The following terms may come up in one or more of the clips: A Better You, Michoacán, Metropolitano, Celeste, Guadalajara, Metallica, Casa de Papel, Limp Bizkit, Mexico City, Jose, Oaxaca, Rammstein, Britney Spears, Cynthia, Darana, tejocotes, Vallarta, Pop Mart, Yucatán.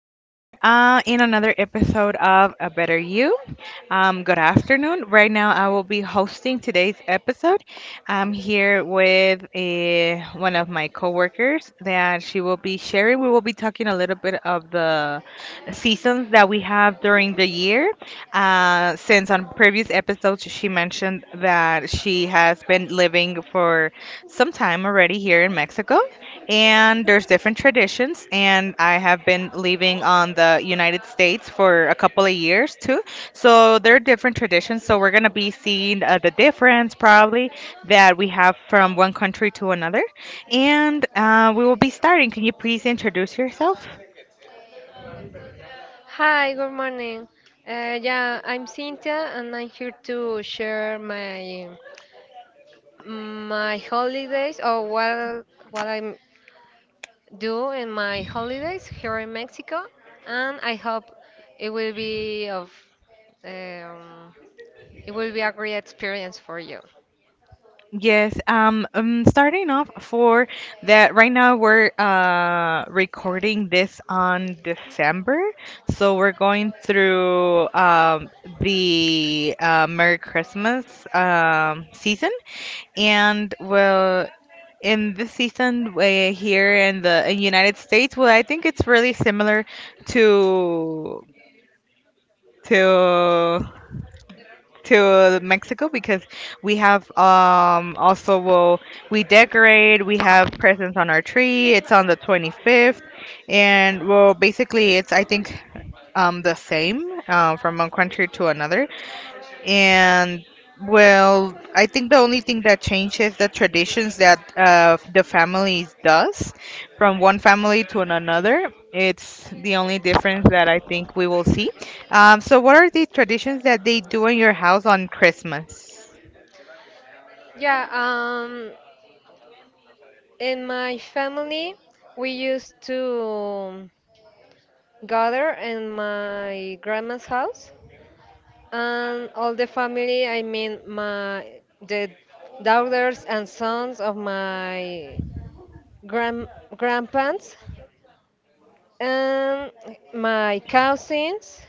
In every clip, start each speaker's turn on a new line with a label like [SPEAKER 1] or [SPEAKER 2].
[SPEAKER 1] being here in another episode of A Better You. Good afternoon. Right now, I will be hosting today's episode. I'm here with one of my coworkers that she will be sharing. We will be talking a little bit of the
[SPEAKER 2] The
[SPEAKER 1] seasons that we have during the year. Since on previous episodes, she mentioned that she has been living for some time already here in Mexico, and there's different traditions. And I have been living on the United States for a couple of years too. So there are different traditions. So we're going to be seeing the difference probably that we have from one country to another. And we will be starting. Can you please introduce yourself?
[SPEAKER 2] Hi, good morning. Yeah, I'm Cynthia and I'm here to share my holidays, or what I do in my holidays here in Mexico. And I hope it will be of Um, it will be a great experience for you.
[SPEAKER 1] Yes. Starting off for that, right now we're recording this on December, so we're going through the Merry Christmas season, and well, in this season, here in the in United States, well, I think it's really similar to to to Mexico because we have also, well, we decorate, we have presents on our tree. It's on the 25th, and well, basically it's, I think, the same, from one country to another. And well, I think the only thing that changes the traditions that the families does from one family to another. It's the only difference that I think we will see. So, what are the traditions that they do in your house on Christmas?
[SPEAKER 2] Yeah, in my family, we used to gather in my grandma's house, and all the family, I mean my the daughters and sons of my grand grandparents and my cousins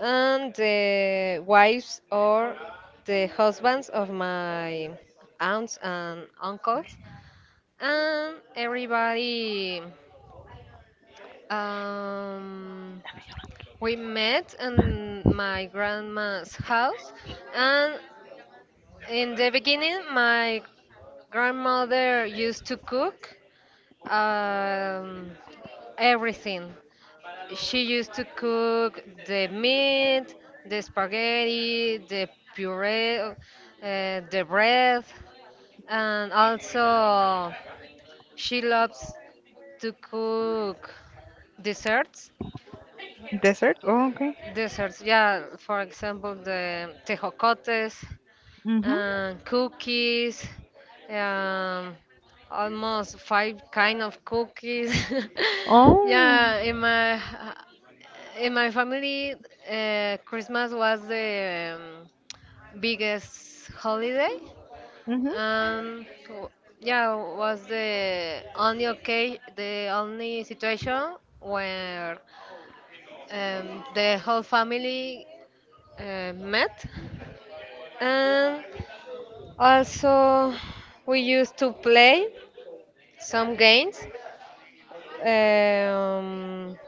[SPEAKER 2] and the wives or the husbands of my aunts and uncles and everybody. um, we met in my grandma's house, and in the beginning my grandmother used to cook um, everything. She used to cook the meat, the spaghetti, the puree, the bread, and also she loves to cook desserts.
[SPEAKER 1] Dessert? Oh, okay.
[SPEAKER 2] Desserts, yeah, for example, the tejocotes,
[SPEAKER 1] Mhm.
[SPEAKER 2] and cookies, um, almost five kind of cookies.
[SPEAKER 1] Oh.
[SPEAKER 2] Yeah, in my family, Christmas was the biggest holiday,
[SPEAKER 1] Mhm.
[SPEAKER 2] and yeah, was the only, okay, the only situation where, the whole family met. Um, Also, we used to play some games. Um,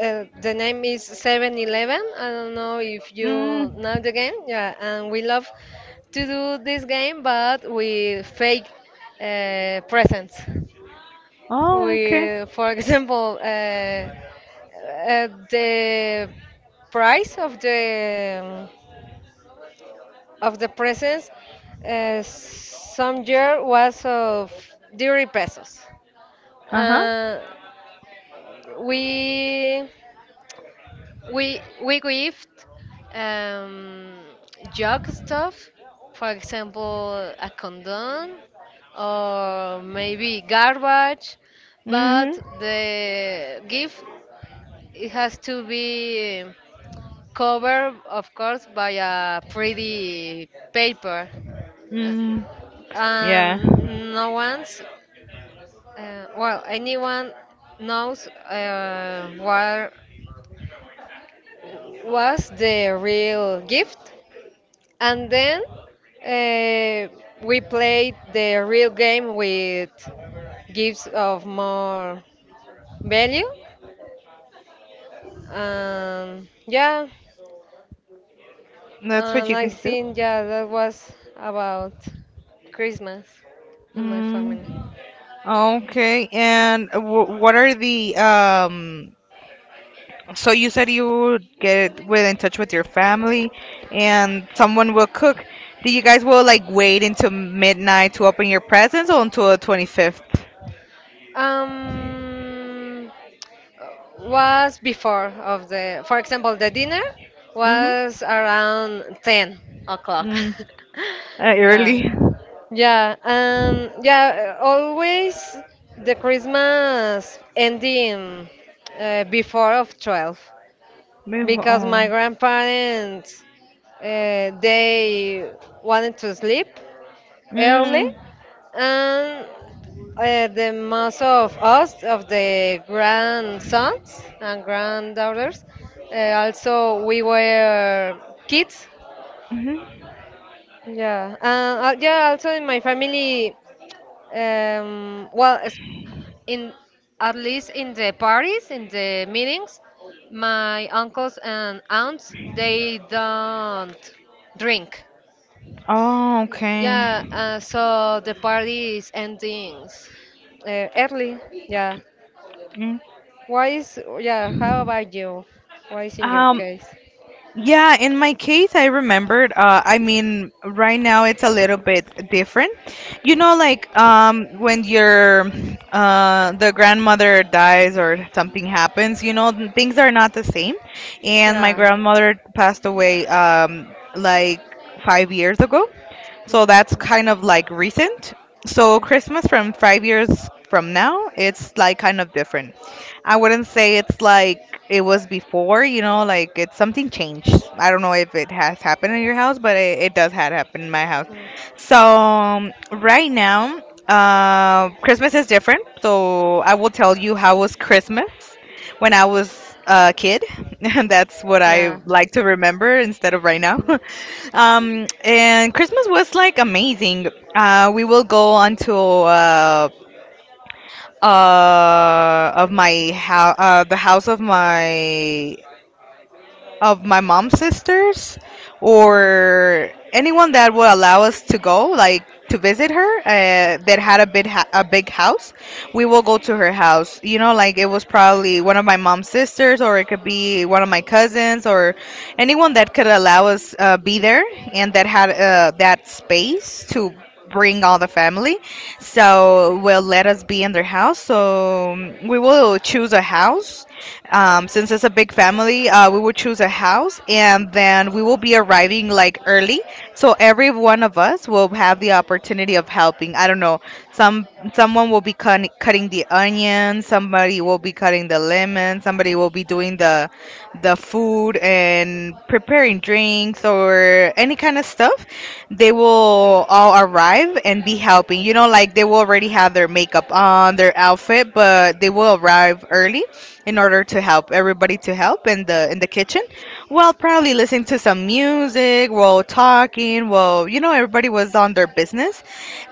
[SPEAKER 2] the name is 7-Eleven. I don't know if you
[SPEAKER 1] Mm.
[SPEAKER 2] know the game. Yeah, and we love to do this game, but with fake, presents.
[SPEAKER 1] Oh, okay.
[SPEAKER 2] We, for example, the price of the presents, some year was of 30 pesos.
[SPEAKER 1] Uh huh.
[SPEAKER 2] Uh, we we gift, um, junk stuff, for example, a condom or maybe garbage, but
[SPEAKER 1] Mhm.
[SPEAKER 2] the gift, it has to be covered, of course, by a pretty paper. Uh,
[SPEAKER 1] Mm. Yeah.
[SPEAKER 2] and no one's well anyone knows what was the real gift, and then uh, we played the real game with gifts of more value. And yeah,
[SPEAKER 1] That's what
[SPEAKER 2] and
[SPEAKER 1] you
[SPEAKER 2] I
[SPEAKER 1] can do.
[SPEAKER 2] think, yeah, that was about Christmas in my
[SPEAKER 1] Mm.
[SPEAKER 2] family.
[SPEAKER 1] Okay, and what are the um? So you said you would get with in touch with your family, and someone will cook. Do you guys will like wait until midnight to open your presents or until the 25th?
[SPEAKER 2] um uh, was before of the, for example, the dinner
[SPEAKER 1] Mhm.
[SPEAKER 2] was around 10 o'clock.
[SPEAKER 1] Mm.
[SPEAKER 2] Yeah,
[SPEAKER 1] Early.
[SPEAKER 2] yeah, and yeah, always the Christmas ending, before of 12,
[SPEAKER 1] Move
[SPEAKER 2] because my
[SPEAKER 1] on.
[SPEAKER 2] grandparents, they wanted to sleep early.
[SPEAKER 1] Mm.
[SPEAKER 2] And the most of us, of the grandsons and granddaughters, also we were kids.
[SPEAKER 1] Mhm.
[SPEAKER 2] Yeah, and yeah, also in my family, well, es- in at least in the parties, in the meetings, my uncles and aunts, they don't drink.
[SPEAKER 1] Oh,
[SPEAKER 2] Y- Yeah,
[SPEAKER 1] okay.
[SPEAKER 2] uh, so the party is ending, early. Yeah.
[SPEAKER 1] Mm.
[SPEAKER 2] Why is, yeah, how about you? Why is in your
[SPEAKER 1] Um,
[SPEAKER 2] case?
[SPEAKER 1] Yeah, in my case, I remembered. I mean, right now it's a little bit different. You know, like when your the grandmother dies or something happens, you know, things are not the same. And my
[SPEAKER 2] Yeah.
[SPEAKER 1] grandmother passed away like 5 years ago,
[SPEAKER 2] Mm,
[SPEAKER 1] so that's kind of like recent. So Christmas from 5 years from now, it's like kind of different. I wouldn't say it's like it was before, you know, like it's something changed. I don't know if it has happened in your house, but it does had happened in my house.
[SPEAKER 2] mm,
[SPEAKER 1] So
[SPEAKER 2] mm.
[SPEAKER 1] um, right now, Christmas is different. So I will tell you how was Christmas when I was a kid. That's what I
[SPEAKER 2] Yeah.
[SPEAKER 1] like to remember instead of right now. And Christmas was like amazing. We will go on to of my house the house of my mom's sisters
[SPEAKER 2] Oh.
[SPEAKER 1] or anyone that would allow us to go, like to visit her, that had a a big house. We will go to her house. You know, like it was probably one of my mom's sisters, or it could be one of my cousins, or anyone that could allow us be there and that had that space to bring all the family, so will let us be in their house. So we will choose a house, since it's a big family. We will choose a house, and then we will be arriving like early. So every one of us will have the opportunity of helping. I don't know. Some Someone will be cutting the onions, somebody will be cutting the lemon, somebody will be doing the food and preparing drinks or any kind of stuff. They will all arrive and be helping. You know, like they will already have their makeup on, their outfit, but they will arrive early in order to help everybody, to help in the kitchen while probably listening to some music, while talking, while, you know, everybody was on their business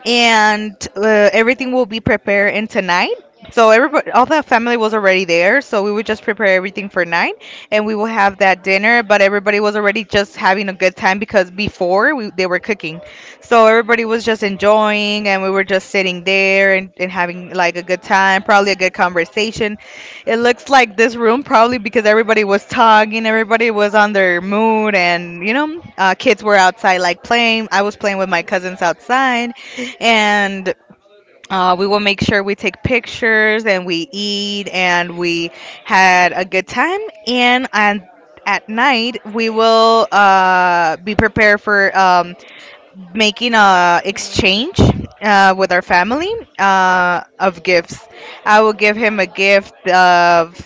[SPEAKER 1] and everything will be prepared in tonight. So everybody, all the family was already there. So we would just prepare everything for night, and we will have that dinner. But everybody was already just having a good time because they were cooking, so everybody was just enjoying, and we were just sitting there and having like a good time, probably a good conversation. It looks like this room probably because everybody was talking, everybody was on their mood, and you know, kids were outside like playing. I was playing with my cousins outside and we will make sure we take pictures and we eat and we had a good time and at night we will be prepared for making a
[SPEAKER 2] Mm,
[SPEAKER 1] exchange with our family of gifts. I will give him a gift of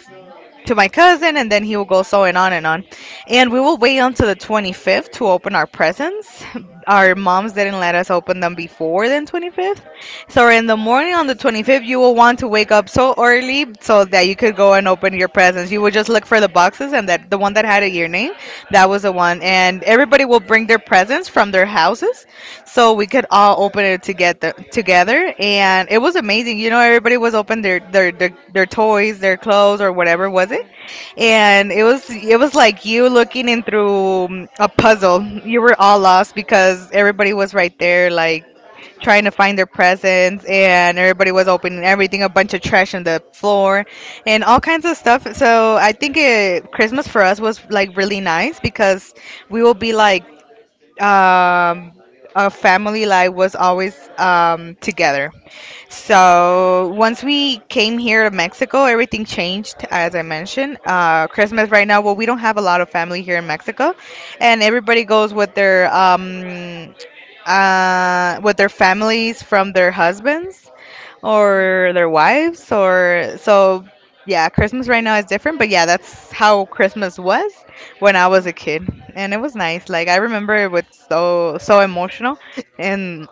[SPEAKER 1] to my cousin, and then he will go so and on and on. And we will wait until the 25th to open our presents. Our moms didn't let us open them before the 25th. So in the morning on the 25th, you will want to wake up so early so that you could go and open your presents. You would just look for the boxes, and that the one that had a your name, that was the one. And everybody will bring their presents from their houses, so we could all open it together. Together, and it was amazing. You know, everybody was open their toys, their clothes, or whatever was it,
[SPEAKER 2] okay.
[SPEAKER 1] and it was like you looking in through a puzzle. You were all lost because everybody was right there, like trying to find their presents, and everybody was opening everything, a bunch of trash on the floor, and all kinds of stuff. So I think it, Christmas for us was like really nice because we will be like um, a family like was always together. So once we came here to Mexico, everything changed, as I mentioned. Christmas right now, well, we don't have a lot of family here in Mexico, and everybody goes with their families from their husbands or their wives, or so. Yeah, Christmas right now is different, but yeah, that's how Christmas was when I was a kid, and it was nice. Like I remember it was so so emotional, and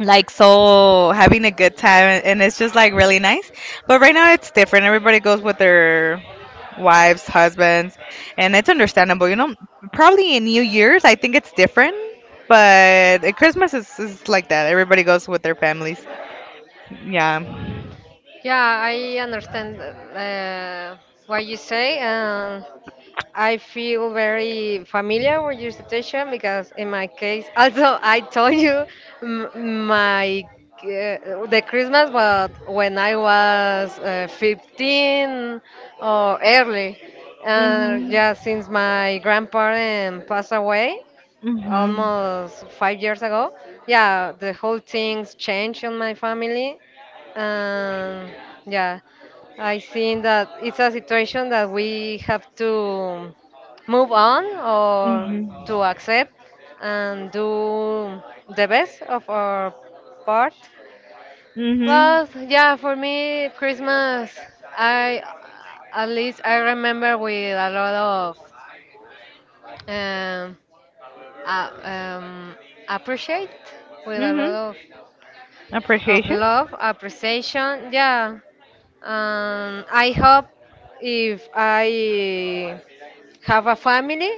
[SPEAKER 1] like so having a good time, and it's just like really nice, but right now it's different. Everybody goes with their wives, husbands, and it's understandable. You know, probably in New Year's, I think it's different, but at Christmas is like that. Everybody goes with their families. Yeah.
[SPEAKER 2] Yeah, I understand what you say. I feel very familiar with your situation, because in my case, also I told you m- my the Christmas, but when I was 15 or early. And
[SPEAKER 1] Mhm.
[SPEAKER 2] yeah, since my grandparent passed away,
[SPEAKER 1] Mhm.
[SPEAKER 2] almost 5 years ago. Yeah, the whole things changed in my family. Um, yeah, I think that it's a situation that we have to move on, or to
[SPEAKER 1] Mhm.
[SPEAKER 2] accept and do the best of our part.
[SPEAKER 1] Mhm.
[SPEAKER 2] Well, yeah, for me, Christmas, I at least I remember with a lot of, um, uh, um, appreciate, with a lot
[SPEAKER 1] Mhm.
[SPEAKER 2] of
[SPEAKER 1] Appreciation.
[SPEAKER 2] love, appreciation. Yeah. And I hope, if I have a family,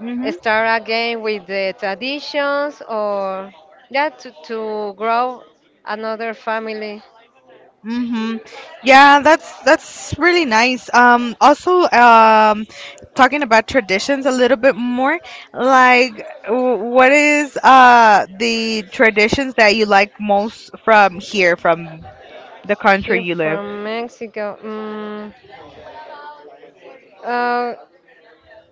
[SPEAKER 1] Mm-hmm.
[SPEAKER 2] start again with the traditions, or yeah, to, grow another family.
[SPEAKER 1] Mm-hmm. Yeah, that's really nice. Also, talking about traditions a little bit more, like what is the traditions that you like most from here, from the country
[SPEAKER 2] Here
[SPEAKER 1] you live?
[SPEAKER 2] from Mexico. Mm, uh,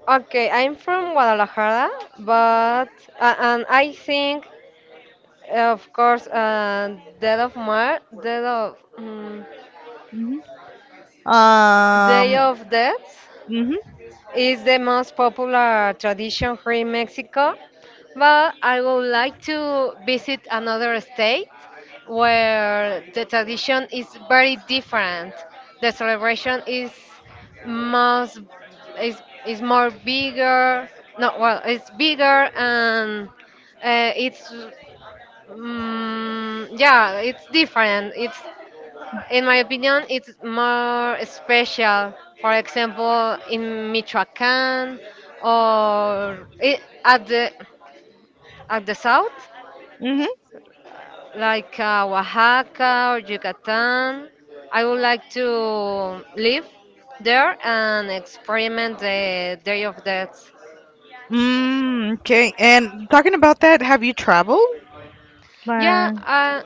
[SPEAKER 2] okay, I'm from Guadalajara, but and I think, of course, Death of Mar, Death of mm,
[SPEAKER 1] Hmm.
[SPEAKER 2] Day
[SPEAKER 1] Um.
[SPEAKER 2] of Death
[SPEAKER 1] Mm-hmm,
[SPEAKER 2] is the most popular tradition here in Mexico. But I would like to visit another state where the tradition is very different. The celebration is most is is more bigger. No, well, it's bigger, and uh, it's yeah, it's different. It's In my opinion, it's more special. For example, in Michoacán, or I at the south,
[SPEAKER 1] mm-hmm.
[SPEAKER 2] like Oaxaca or Yucatan. I would like to live there and experiment the Day of Death.
[SPEAKER 1] Mm, okay. And talking about that, have you traveled?
[SPEAKER 2] Yeah,
[SPEAKER 1] Like,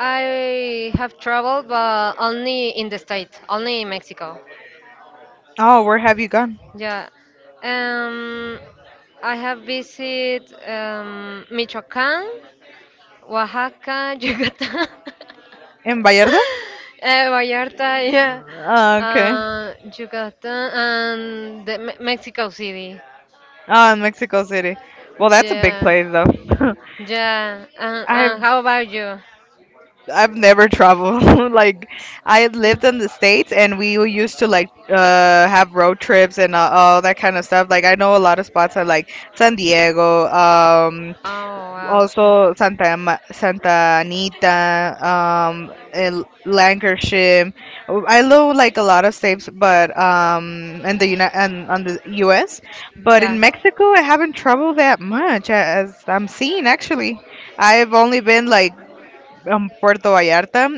[SPEAKER 2] I have traveled, but only in the state, only in Mexico.
[SPEAKER 1] oh, where have you gone?
[SPEAKER 2] Yeah. Um, I have visited, Michoacán, Oaxaca, Yucatán,
[SPEAKER 1] In Vallarta?
[SPEAKER 2] Vallarta, yeah,
[SPEAKER 1] Okay.
[SPEAKER 2] Yucatán, and Mexico City.
[SPEAKER 1] Ah, in Mexico City. Well, that's a big
[SPEAKER 2] Yeah,
[SPEAKER 1] place though.
[SPEAKER 2] yeah. And
[SPEAKER 1] I've
[SPEAKER 2] how about you?
[SPEAKER 1] I've never traveled. Like I had
[SPEAKER 2] Mm.
[SPEAKER 1] lived in the states, and we were used to like have road trips and all that kind of stuff. Like I know a lot of spots are like San Diego,
[SPEAKER 2] Oh, wow.
[SPEAKER 1] also Santa Anita, and Lancashire. I know like a lot of states, but in the United and on the U.S. But in
[SPEAKER 2] Yeah.
[SPEAKER 1] Mexico, I haven't traveled that much, as I'm seeing actually. I've only been like Puerto Vallarta,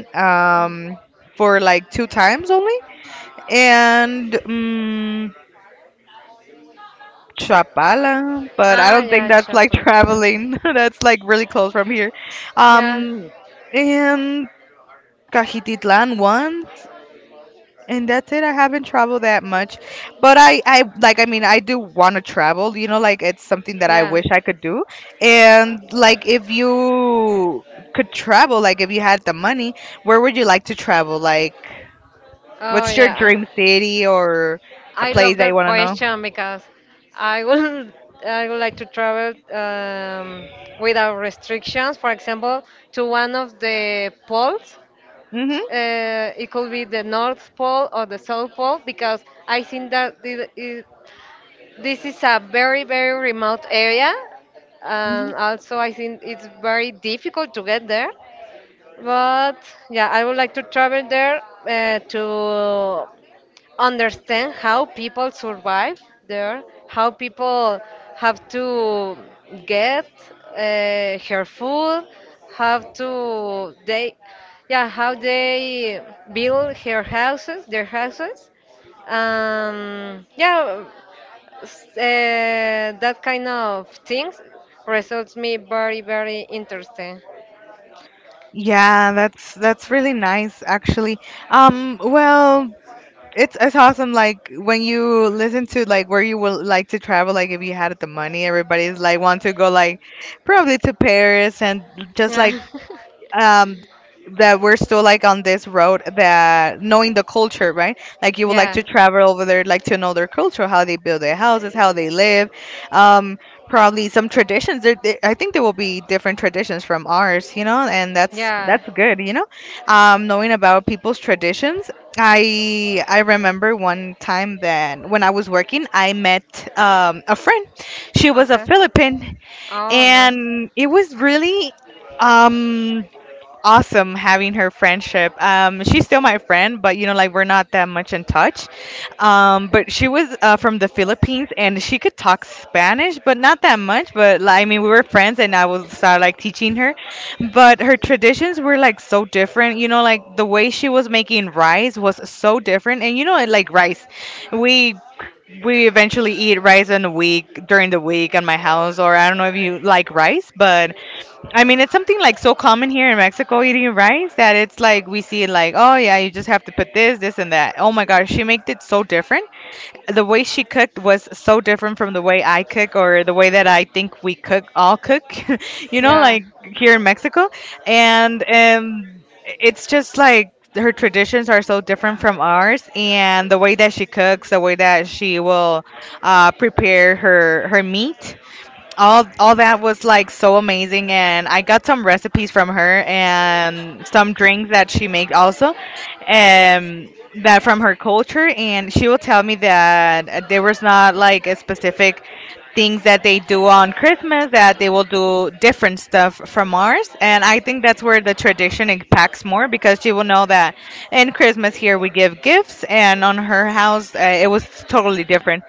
[SPEAKER 2] Mm.
[SPEAKER 1] for like two times only, and Chapala, but I
[SPEAKER 2] Ah,
[SPEAKER 1] don't think
[SPEAKER 2] yeah,
[SPEAKER 1] that's like
[SPEAKER 2] Chapel. Yeah.
[SPEAKER 1] traveling. That's like really close from here.
[SPEAKER 2] Yeah,
[SPEAKER 1] Um, and Cajititlan once. And that's it. I haven't traveled that much, but I like. I mean, I do want to travel. You know, like it's something that I
[SPEAKER 2] yeah.
[SPEAKER 1] wish I could do. And like, if you could travel, like if you had the money, where would you like to travel? Like,
[SPEAKER 2] Oh,
[SPEAKER 1] what's your
[SPEAKER 2] yeah. And
[SPEAKER 1] dream city or a
[SPEAKER 2] I
[SPEAKER 1] place
[SPEAKER 2] love
[SPEAKER 1] that you
[SPEAKER 2] that
[SPEAKER 1] want to know?
[SPEAKER 2] question, because I would I would like to travel, without restrictions. For example, to one of the poles.
[SPEAKER 1] Mhm.
[SPEAKER 2] It could be the North Pole or the South Pole, because I think that this is a very very remote area,
[SPEAKER 1] Mhm.
[SPEAKER 2] and also I think it's very difficult to get there. But yeah, I would like to travel there to understand how people survive there, how people have to get, her food, how to they, yeah, how they build their houses. Yeah, that kind of things results me very very interesting.
[SPEAKER 1] Yeah, that's really nice actually. Well, it's awesome like when you listen to like where you would like to travel like if you had the money, everybody's like want to go like probably to Paris and just like
[SPEAKER 2] Yeah,
[SPEAKER 1] um that we're still like on this road that knowing the culture right like you would like
[SPEAKER 2] yeah,
[SPEAKER 1] to travel over there like to know their culture how they build their houses how they live um probably some traditions I think there will be different traditions from ours you know and that's
[SPEAKER 2] yeah.
[SPEAKER 1] that's good you know. Knowing about people's traditions, I remember one time that when I was working I met a friend. She was a
[SPEAKER 2] Okay.
[SPEAKER 1] Philippine,
[SPEAKER 2] Oh, nice.
[SPEAKER 1] and it was really um awesome having her friendship. She's still my friend, but you know, like we're not that much in touch.
[SPEAKER 2] Okay.
[SPEAKER 1] But she was from the Philippines, and she could talk Spanish, but not that much. But like, I mean, we were friends, and I was start like teaching her. But her traditions were like so different. You know, like the way she was making rice was so different. And you know, like rice, we we eventually eat rice in the week during the week at my house, or I don't know if you like rice, but I mean, it's something like so common here in Mexico eating rice that it's like we see it like, oh yeah, you just have to put this, this, and that. Oh my gosh, she made it so different. The way she cooked was so different from the way I cook or the way that I think we cook, all cook, you know,
[SPEAKER 2] Yeah.
[SPEAKER 1] like here in Mexico. And it's just like her traditions are so different from ours, and the way that she cooks, the way that she will prepare her meat. All that was like so amazing, and I got some recipes from her and some drinks that she made also, um that from her culture. And she will tell me that there was not like a specific things that they do on Christmas, that they will do different stuff from ours. And I think that's where the tradition impacts more, because she will know that in Christmas here we give gifts, and on her house it was totally different.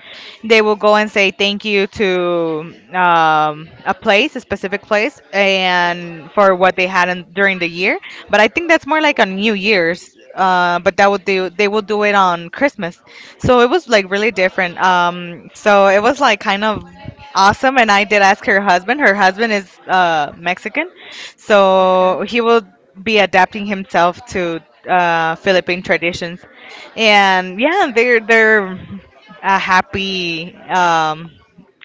[SPEAKER 1] They will go and say thank you to a place, a specific place, and for what they had in, during the year. But I think that's more like on New Year's. But that would do. They will do it on Christmas. So it was like really different. So it was like kind of awesome. And I did ask her husband. Her husband is Mexican,
[SPEAKER 2] Okay.
[SPEAKER 1] so he will be adapting himself to Philippine traditions, and yeah, they're happy,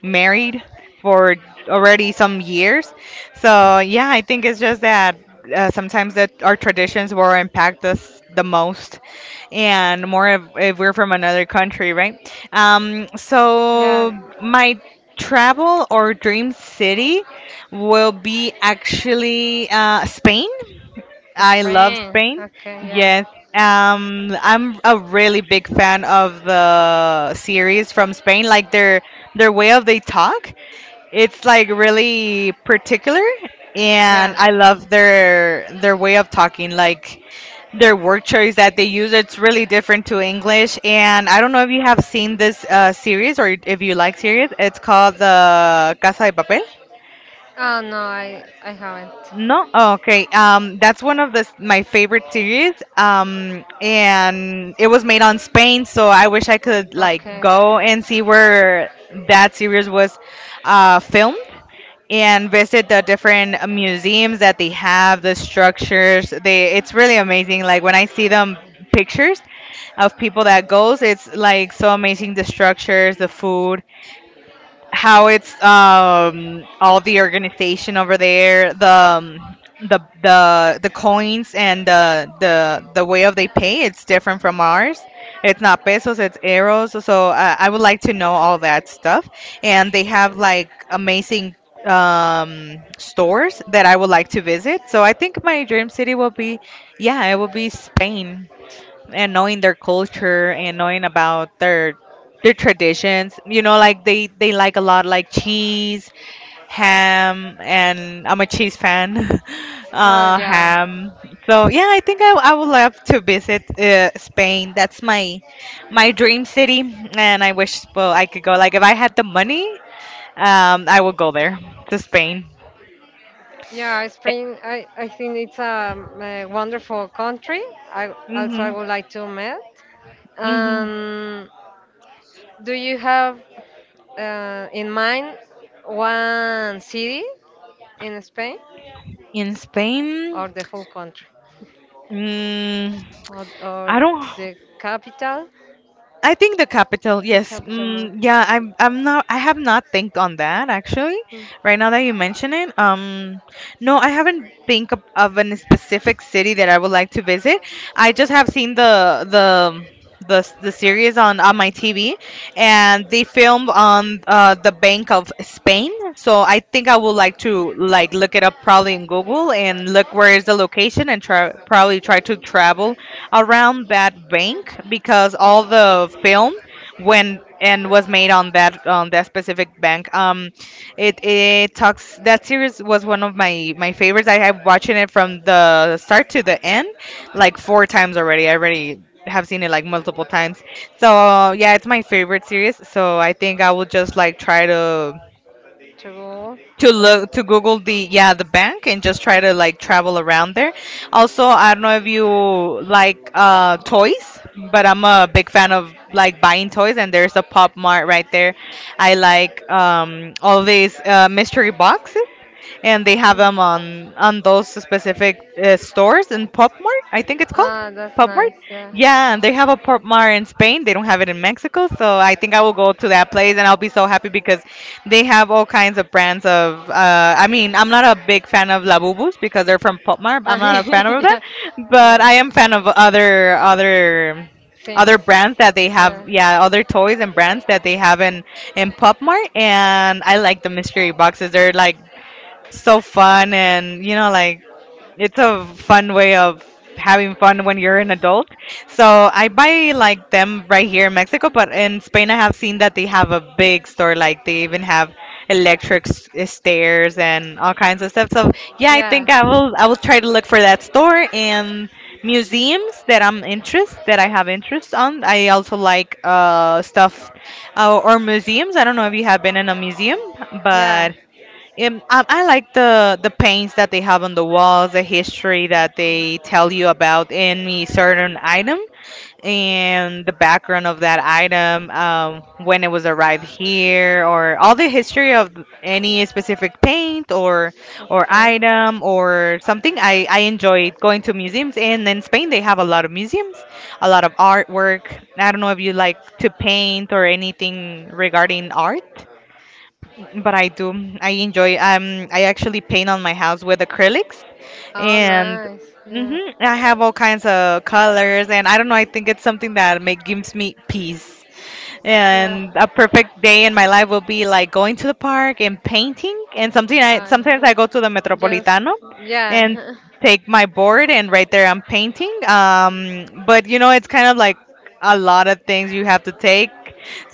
[SPEAKER 1] married for already some years. So yeah, I think it's just that sometimes that our traditions will impact us the most, and more if we're from another country, right? So
[SPEAKER 2] Yeah.
[SPEAKER 1] my travel or dream city will be actually Spain. I love
[SPEAKER 2] Spring.
[SPEAKER 1] Spain.
[SPEAKER 2] Okay. Yeah.
[SPEAKER 1] Yes. I'm a really big fan of the series from Spain. Like their way of they talk, it's like really particular, and
[SPEAKER 2] Yeah.
[SPEAKER 1] I love their way of talking. Like their word choice that they use, it's really different to English. And I don't know if you have seen this series or if you like series. It's called the Casa de Papel.
[SPEAKER 2] Oh no, I haven't.
[SPEAKER 1] No, oh, okay. That's one of my favorite series. And it was made on Spain, so I wish I could like
[SPEAKER 2] Okay.
[SPEAKER 1] go and see where that series was filmed, and visit the different museums that they have, the structures. They it's really amazing. Like when I see them pictures of people that goes, it's like so amazing. The structures, the food, how it's all the organization over there, the coins and the way of they pay, it's different from ours. It's not pesos, it's euros, so I would like to know all that stuff. And they have like amazing stores that I would like to visit. So I think my dream city will be, yeah, it will be Spain. And knowing their culture and knowing about their traditions, you know, like they like a lot like cheese, ham, and I'm a cheese fan.
[SPEAKER 2] Oh yeah.
[SPEAKER 1] Ham. So yeah, I think I would love to visit Spain. That's my my dream city, and I wish, well, I could go like if I had the money. Um, I would go there to Spain.
[SPEAKER 2] Yeah.
[SPEAKER 1] Eh,
[SPEAKER 2] Spain. I think it's a wonderful country. I also, I
[SPEAKER 1] mm-hmm,
[SPEAKER 2] would like to meet.
[SPEAKER 1] mm-hmm.
[SPEAKER 2] Um. Do you have, in mind, one city in Spain,
[SPEAKER 1] In Spain.
[SPEAKER 2] or the whole country,
[SPEAKER 1] Mm,
[SPEAKER 2] or
[SPEAKER 1] I don't
[SPEAKER 2] the capital?
[SPEAKER 1] I think the capital,
[SPEAKER 2] The
[SPEAKER 1] yes.
[SPEAKER 2] capital, no.
[SPEAKER 1] Mm, yeah, I'm not I have not think on that actually.
[SPEAKER 2] Hmm.
[SPEAKER 1] Right now that you mention it, no, I haven't think of a specific city that I would like to visit. I just have seen the series on my TV, and they filmed on the bank of Spain. So I think I would like to like look it up probably in Google and look where is the location, and try, probably try to travel around that bank, because all the film when and was made on that, on that specific bank. It it talks, that series was one of my my favorites. I have watching it from the start to the end, like four times already. I already have seen it like multiple times. So yeah, it's my favorite series. So I think I will just like try
[SPEAKER 2] To go.
[SPEAKER 1] to
[SPEAKER 2] So.
[SPEAKER 1] look to Google the, yeah, the bank, and just try to like travel around there. Also, I don't know if you like toys, but I'm a big fan of like buying toys, and there's a Pop Mart right there. I like all these mystery boxes, and they have
[SPEAKER 2] Mm.
[SPEAKER 1] them on those specific stores in Pop Mart, I think it's called.
[SPEAKER 2] Ah, that's
[SPEAKER 1] Pop Mart.
[SPEAKER 2] nice. Yeah.
[SPEAKER 1] Yeah, and they have a Pop Mart in Spain. They don't have it in Mexico, so I think I will go to that place and I'll be so happy because they have all kinds of brands of. I mean, I'm not a big fan of Labubus because they're from Pop Mart. I'm not a fan of that,
[SPEAKER 2] Yeah.
[SPEAKER 1] but
[SPEAKER 2] No.
[SPEAKER 1] I am fan of other other
[SPEAKER 2] Things.
[SPEAKER 1] other brands that they have,
[SPEAKER 2] Yeah.
[SPEAKER 1] yeah, other toys and brands that they have in Pop Mart. And I like the mystery boxes, they're like so fun, and you know, like it's a fun way of having fun when you're an adult. So I buy like them right here in Mexico, but in Spain I have seen that they have a big store. Like they even have eh, stairs and all kinds of stuff. So yeah, I think
[SPEAKER 2] Yeah.
[SPEAKER 1] I will try to look for that store and museums that I'm interest that I have interest on. I also like stuff, or museums. I don't know if you have been in a museum,
[SPEAKER 2] Yeah.
[SPEAKER 1] but I like the paints that they have on the walls, the history that they tell you about any certain item, and the background of that item, when it was arrived here, or all the history of any specific paint or
[SPEAKER 2] Okay.
[SPEAKER 1] item or something. I enjoy going to museums, and in Spain they have a lot of museums, a lot of artwork. I don't know if you like to paint or anything regarding art, but I do. I enjoy. I actually paint on my house with acrylics,
[SPEAKER 2] Oh,
[SPEAKER 1] and
[SPEAKER 2] nice. Yeah.
[SPEAKER 1] hmm, I have all kinds of colors. And I don't know. I think it's something that make gives me peace.
[SPEAKER 2] Yeah.
[SPEAKER 1] And a perfect day in my life will be like going to the park and painting. And something I
[SPEAKER 2] Uh,
[SPEAKER 1] sometimes I go to the
[SPEAKER 2] just,
[SPEAKER 1] Metropolitano and
[SPEAKER 2] yeah,
[SPEAKER 1] take my board, and right there I'm painting. But you know, it's kind of like a lot of things you have to take.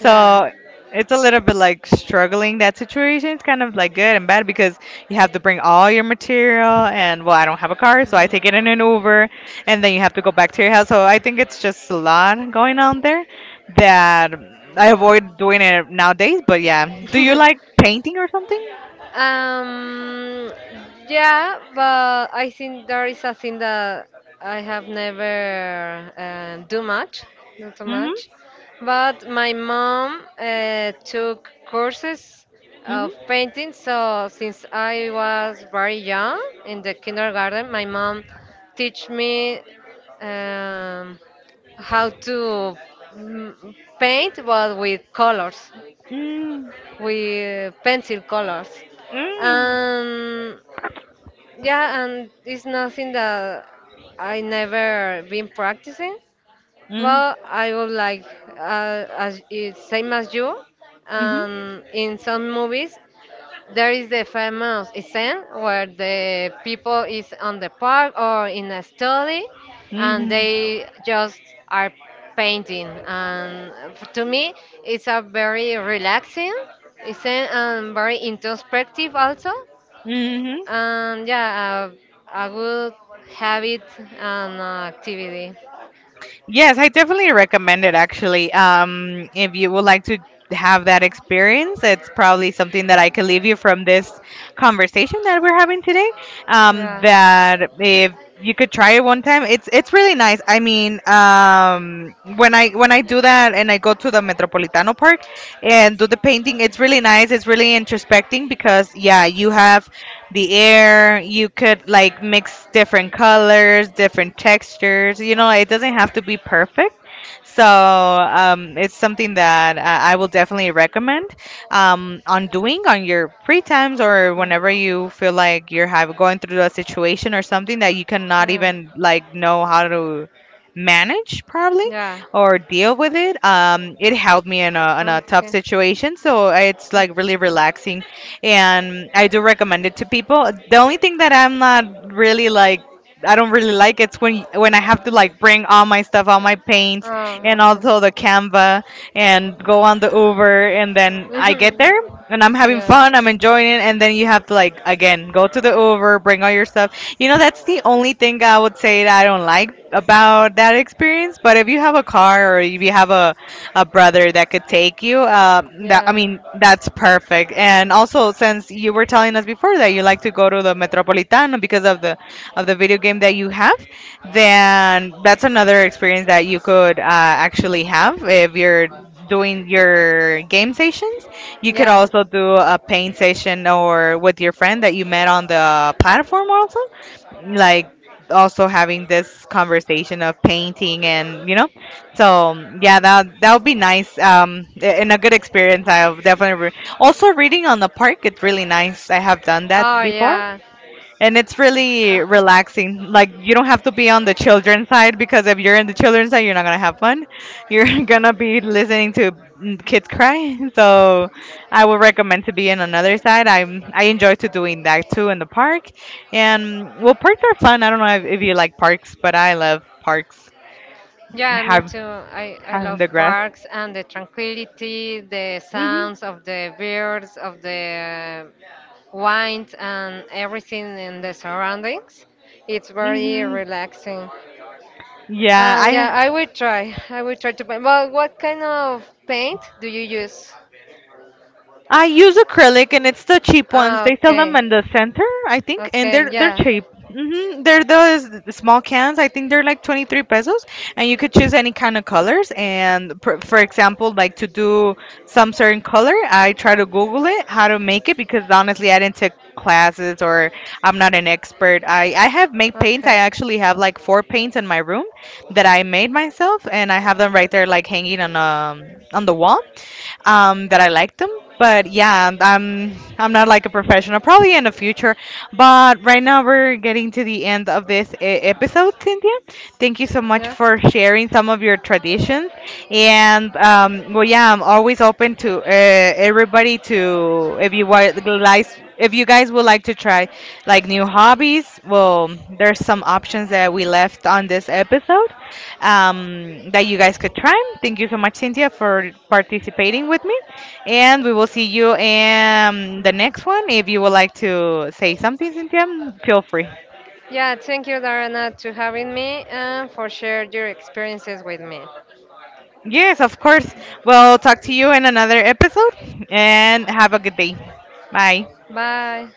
[SPEAKER 2] yeah,
[SPEAKER 1] it's a little bit like struggling that situation. It's kind of like good and bad, because you have to bring all your material, and well, I don't have a car, so I take it in an Uber, and then you have to go back to your house. So I think it's just a lot going on there, that I
[SPEAKER 2] yeah,
[SPEAKER 1] avoid doing it nowadays. But yeah, do you
[SPEAKER 2] yeah.
[SPEAKER 1] like painting or something?
[SPEAKER 2] Um, yeah, but I think there is a thing that I have never, do much, not too
[SPEAKER 1] Mhm.
[SPEAKER 2] much. But my mom, took courses of
[SPEAKER 1] Mhm.
[SPEAKER 2] painting, so since I was very young in the kindergarten, my mom teach me, um, how to, paint, but
[SPEAKER 1] Mm.
[SPEAKER 2] with pencil colors.
[SPEAKER 1] Mm.
[SPEAKER 2] And yeah, and it's nothing that I never been practicing.
[SPEAKER 1] Mm.
[SPEAKER 2] Well, I would like, same as you.
[SPEAKER 1] Mhm.
[SPEAKER 2] In some movies, there is the famous scene where the people is on the park or in a study, and
[SPEAKER 1] Mhm.
[SPEAKER 2] they just are painting. And to me, it's a very relaxing scene, and very introspective also.
[SPEAKER 1] Mhm.
[SPEAKER 2] And yeah, a good habit, and activity.
[SPEAKER 1] Yes, I definitely recommend it actually. If you would like to have that experience, it's probably something that I can leave you from this conversation that we're having today.
[SPEAKER 2] Yeah.
[SPEAKER 1] That if you could try it one time, it's really nice. I mean, when I do that and I go to the Metropolitano Park and do the painting, it's really nice. It's really introspecting, because yeah, you have the air. You could like mix different colors, different textures. You know, it doesn't have to be perfect, so it's something that I will definitely recommend, on doing on your free times or
[SPEAKER 2] Mm.
[SPEAKER 1] whenever you feel like going through a situation or something that you cannot
[SPEAKER 2] Yeah.
[SPEAKER 1] even like know how to manage probably
[SPEAKER 2] Yeah.
[SPEAKER 1] or deal with it. It helped me in a tough
[SPEAKER 2] Okay.
[SPEAKER 1] situation, so it's
[SPEAKER 2] Uh,
[SPEAKER 1] like really relaxing, and I do recommend it to people. The only thing that I'm not really like. I don't really like it's when I have to like bring all my stuff, all my paints, and
[SPEAKER 2] Oh,
[SPEAKER 1] also the Canva and go on the Uber and then I get
[SPEAKER 2] mhm.
[SPEAKER 1] there and I'm having
[SPEAKER 2] Yeah,
[SPEAKER 1] fun, I'm enjoying it and then you have to like again go to the Uber, bring all your stuff. You know that's the only thing I would say that I don't like about that experience, but if you have a car or if you have a brother that could take you, that I
[SPEAKER 2] yeah,
[SPEAKER 1] mean that's perfect. And also since you were telling us before that you like to go to the Metropolitano because of the video game that you have, then that's another experience that you could actually have if you're doing your game sessions. You could
[SPEAKER 2] yeah.
[SPEAKER 1] also do a paint session or with your friend that you met on the platform also. Like also having this conversation of painting and you know, so yeah, that would be nice, and a good experience. I've definitely also reading on the park, it's really nice. I have done that
[SPEAKER 2] Oh,
[SPEAKER 1] before
[SPEAKER 2] yeah.
[SPEAKER 1] and it's really
[SPEAKER 2] Uh,
[SPEAKER 1] relaxing. Like you don't have to be on the children's side because if you're in the children's side, you're not gonna have fun. You're gonna be listening to kids cry. So I would recommend to be in another side. I enjoy to doing that too in the park. And well, parks are fun. I don't know if you like parks, but I love parks.
[SPEAKER 2] yeah, me
[SPEAKER 1] Have
[SPEAKER 2] too. I
[SPEAKER 1] having
[SPEAKER 2] love
[SPEAKER 1] the grass.
[SPEAKER 2] parks, and the tranquility, the
[SPEAKER 1] Mhm.
[SPEAKER 2] sounds of the birds, of the wind, and everything in the surroundings. It's very
[SPEAKER 1] Mhm.
[SPEAKER 2] relaxing.
[SPEAKER 1] Yeah,
[SPEAKER 2] And yeah, I will try. I will try to paint. But what kind of paint do you use?
[SPEAKER 1] I use acrylic, and it's the cheap ones.
[SPEAKER 2] Ah,
[SPEAKER 1] They sell them
[SPEAKER 2] okay.
[SPEAKER 1] in the center, I think, and
[SPEAKER 2] Okay,
[SPEAKER 1] they're
[SPEAKER 2] yeah.
[SPEAKER 1] cheap. They're the small cans. I think they're like 23 pesos, and you could choose any kind of colors. And for example, like to do some certain color, I try to Google it how to make it because honestly, I didn't take classes or I'm not an expert. I have made paints. I
[SPEAKER 2] Okay.
[SPEAKER 1] actually have like four paints in my room that I made myself, and I have them right there like hanging on the wall, that I like them. But yeah, I'm not like a professional. Probably in the future. But right now we're getting to the end of this episode, Cynthia. Thank you so much
[SPEAKER 2] Yeah.
[SPEAKER 1] for sharing some of your traditions. And well, yeah, I'm always open to everybody to if you guys would like to try like new hobbies. Well, there's some options that we left on this episode, that you guys could try. Thank you so much, Cynthia, for participating with me. And we will see you in the
[SPEAKER 2] Mm.
[SPEAKER 1] next one. If you would like to say something, Cynthia, feel free.
[SPEAKER 2] Yeah, thank you, Darana, to having me and for share your experiences with me.
[SPEAKER 1] Yes, of course. We'll talk to you in another episode and have a good day. Bye.
[SPEAKER 2] Bye.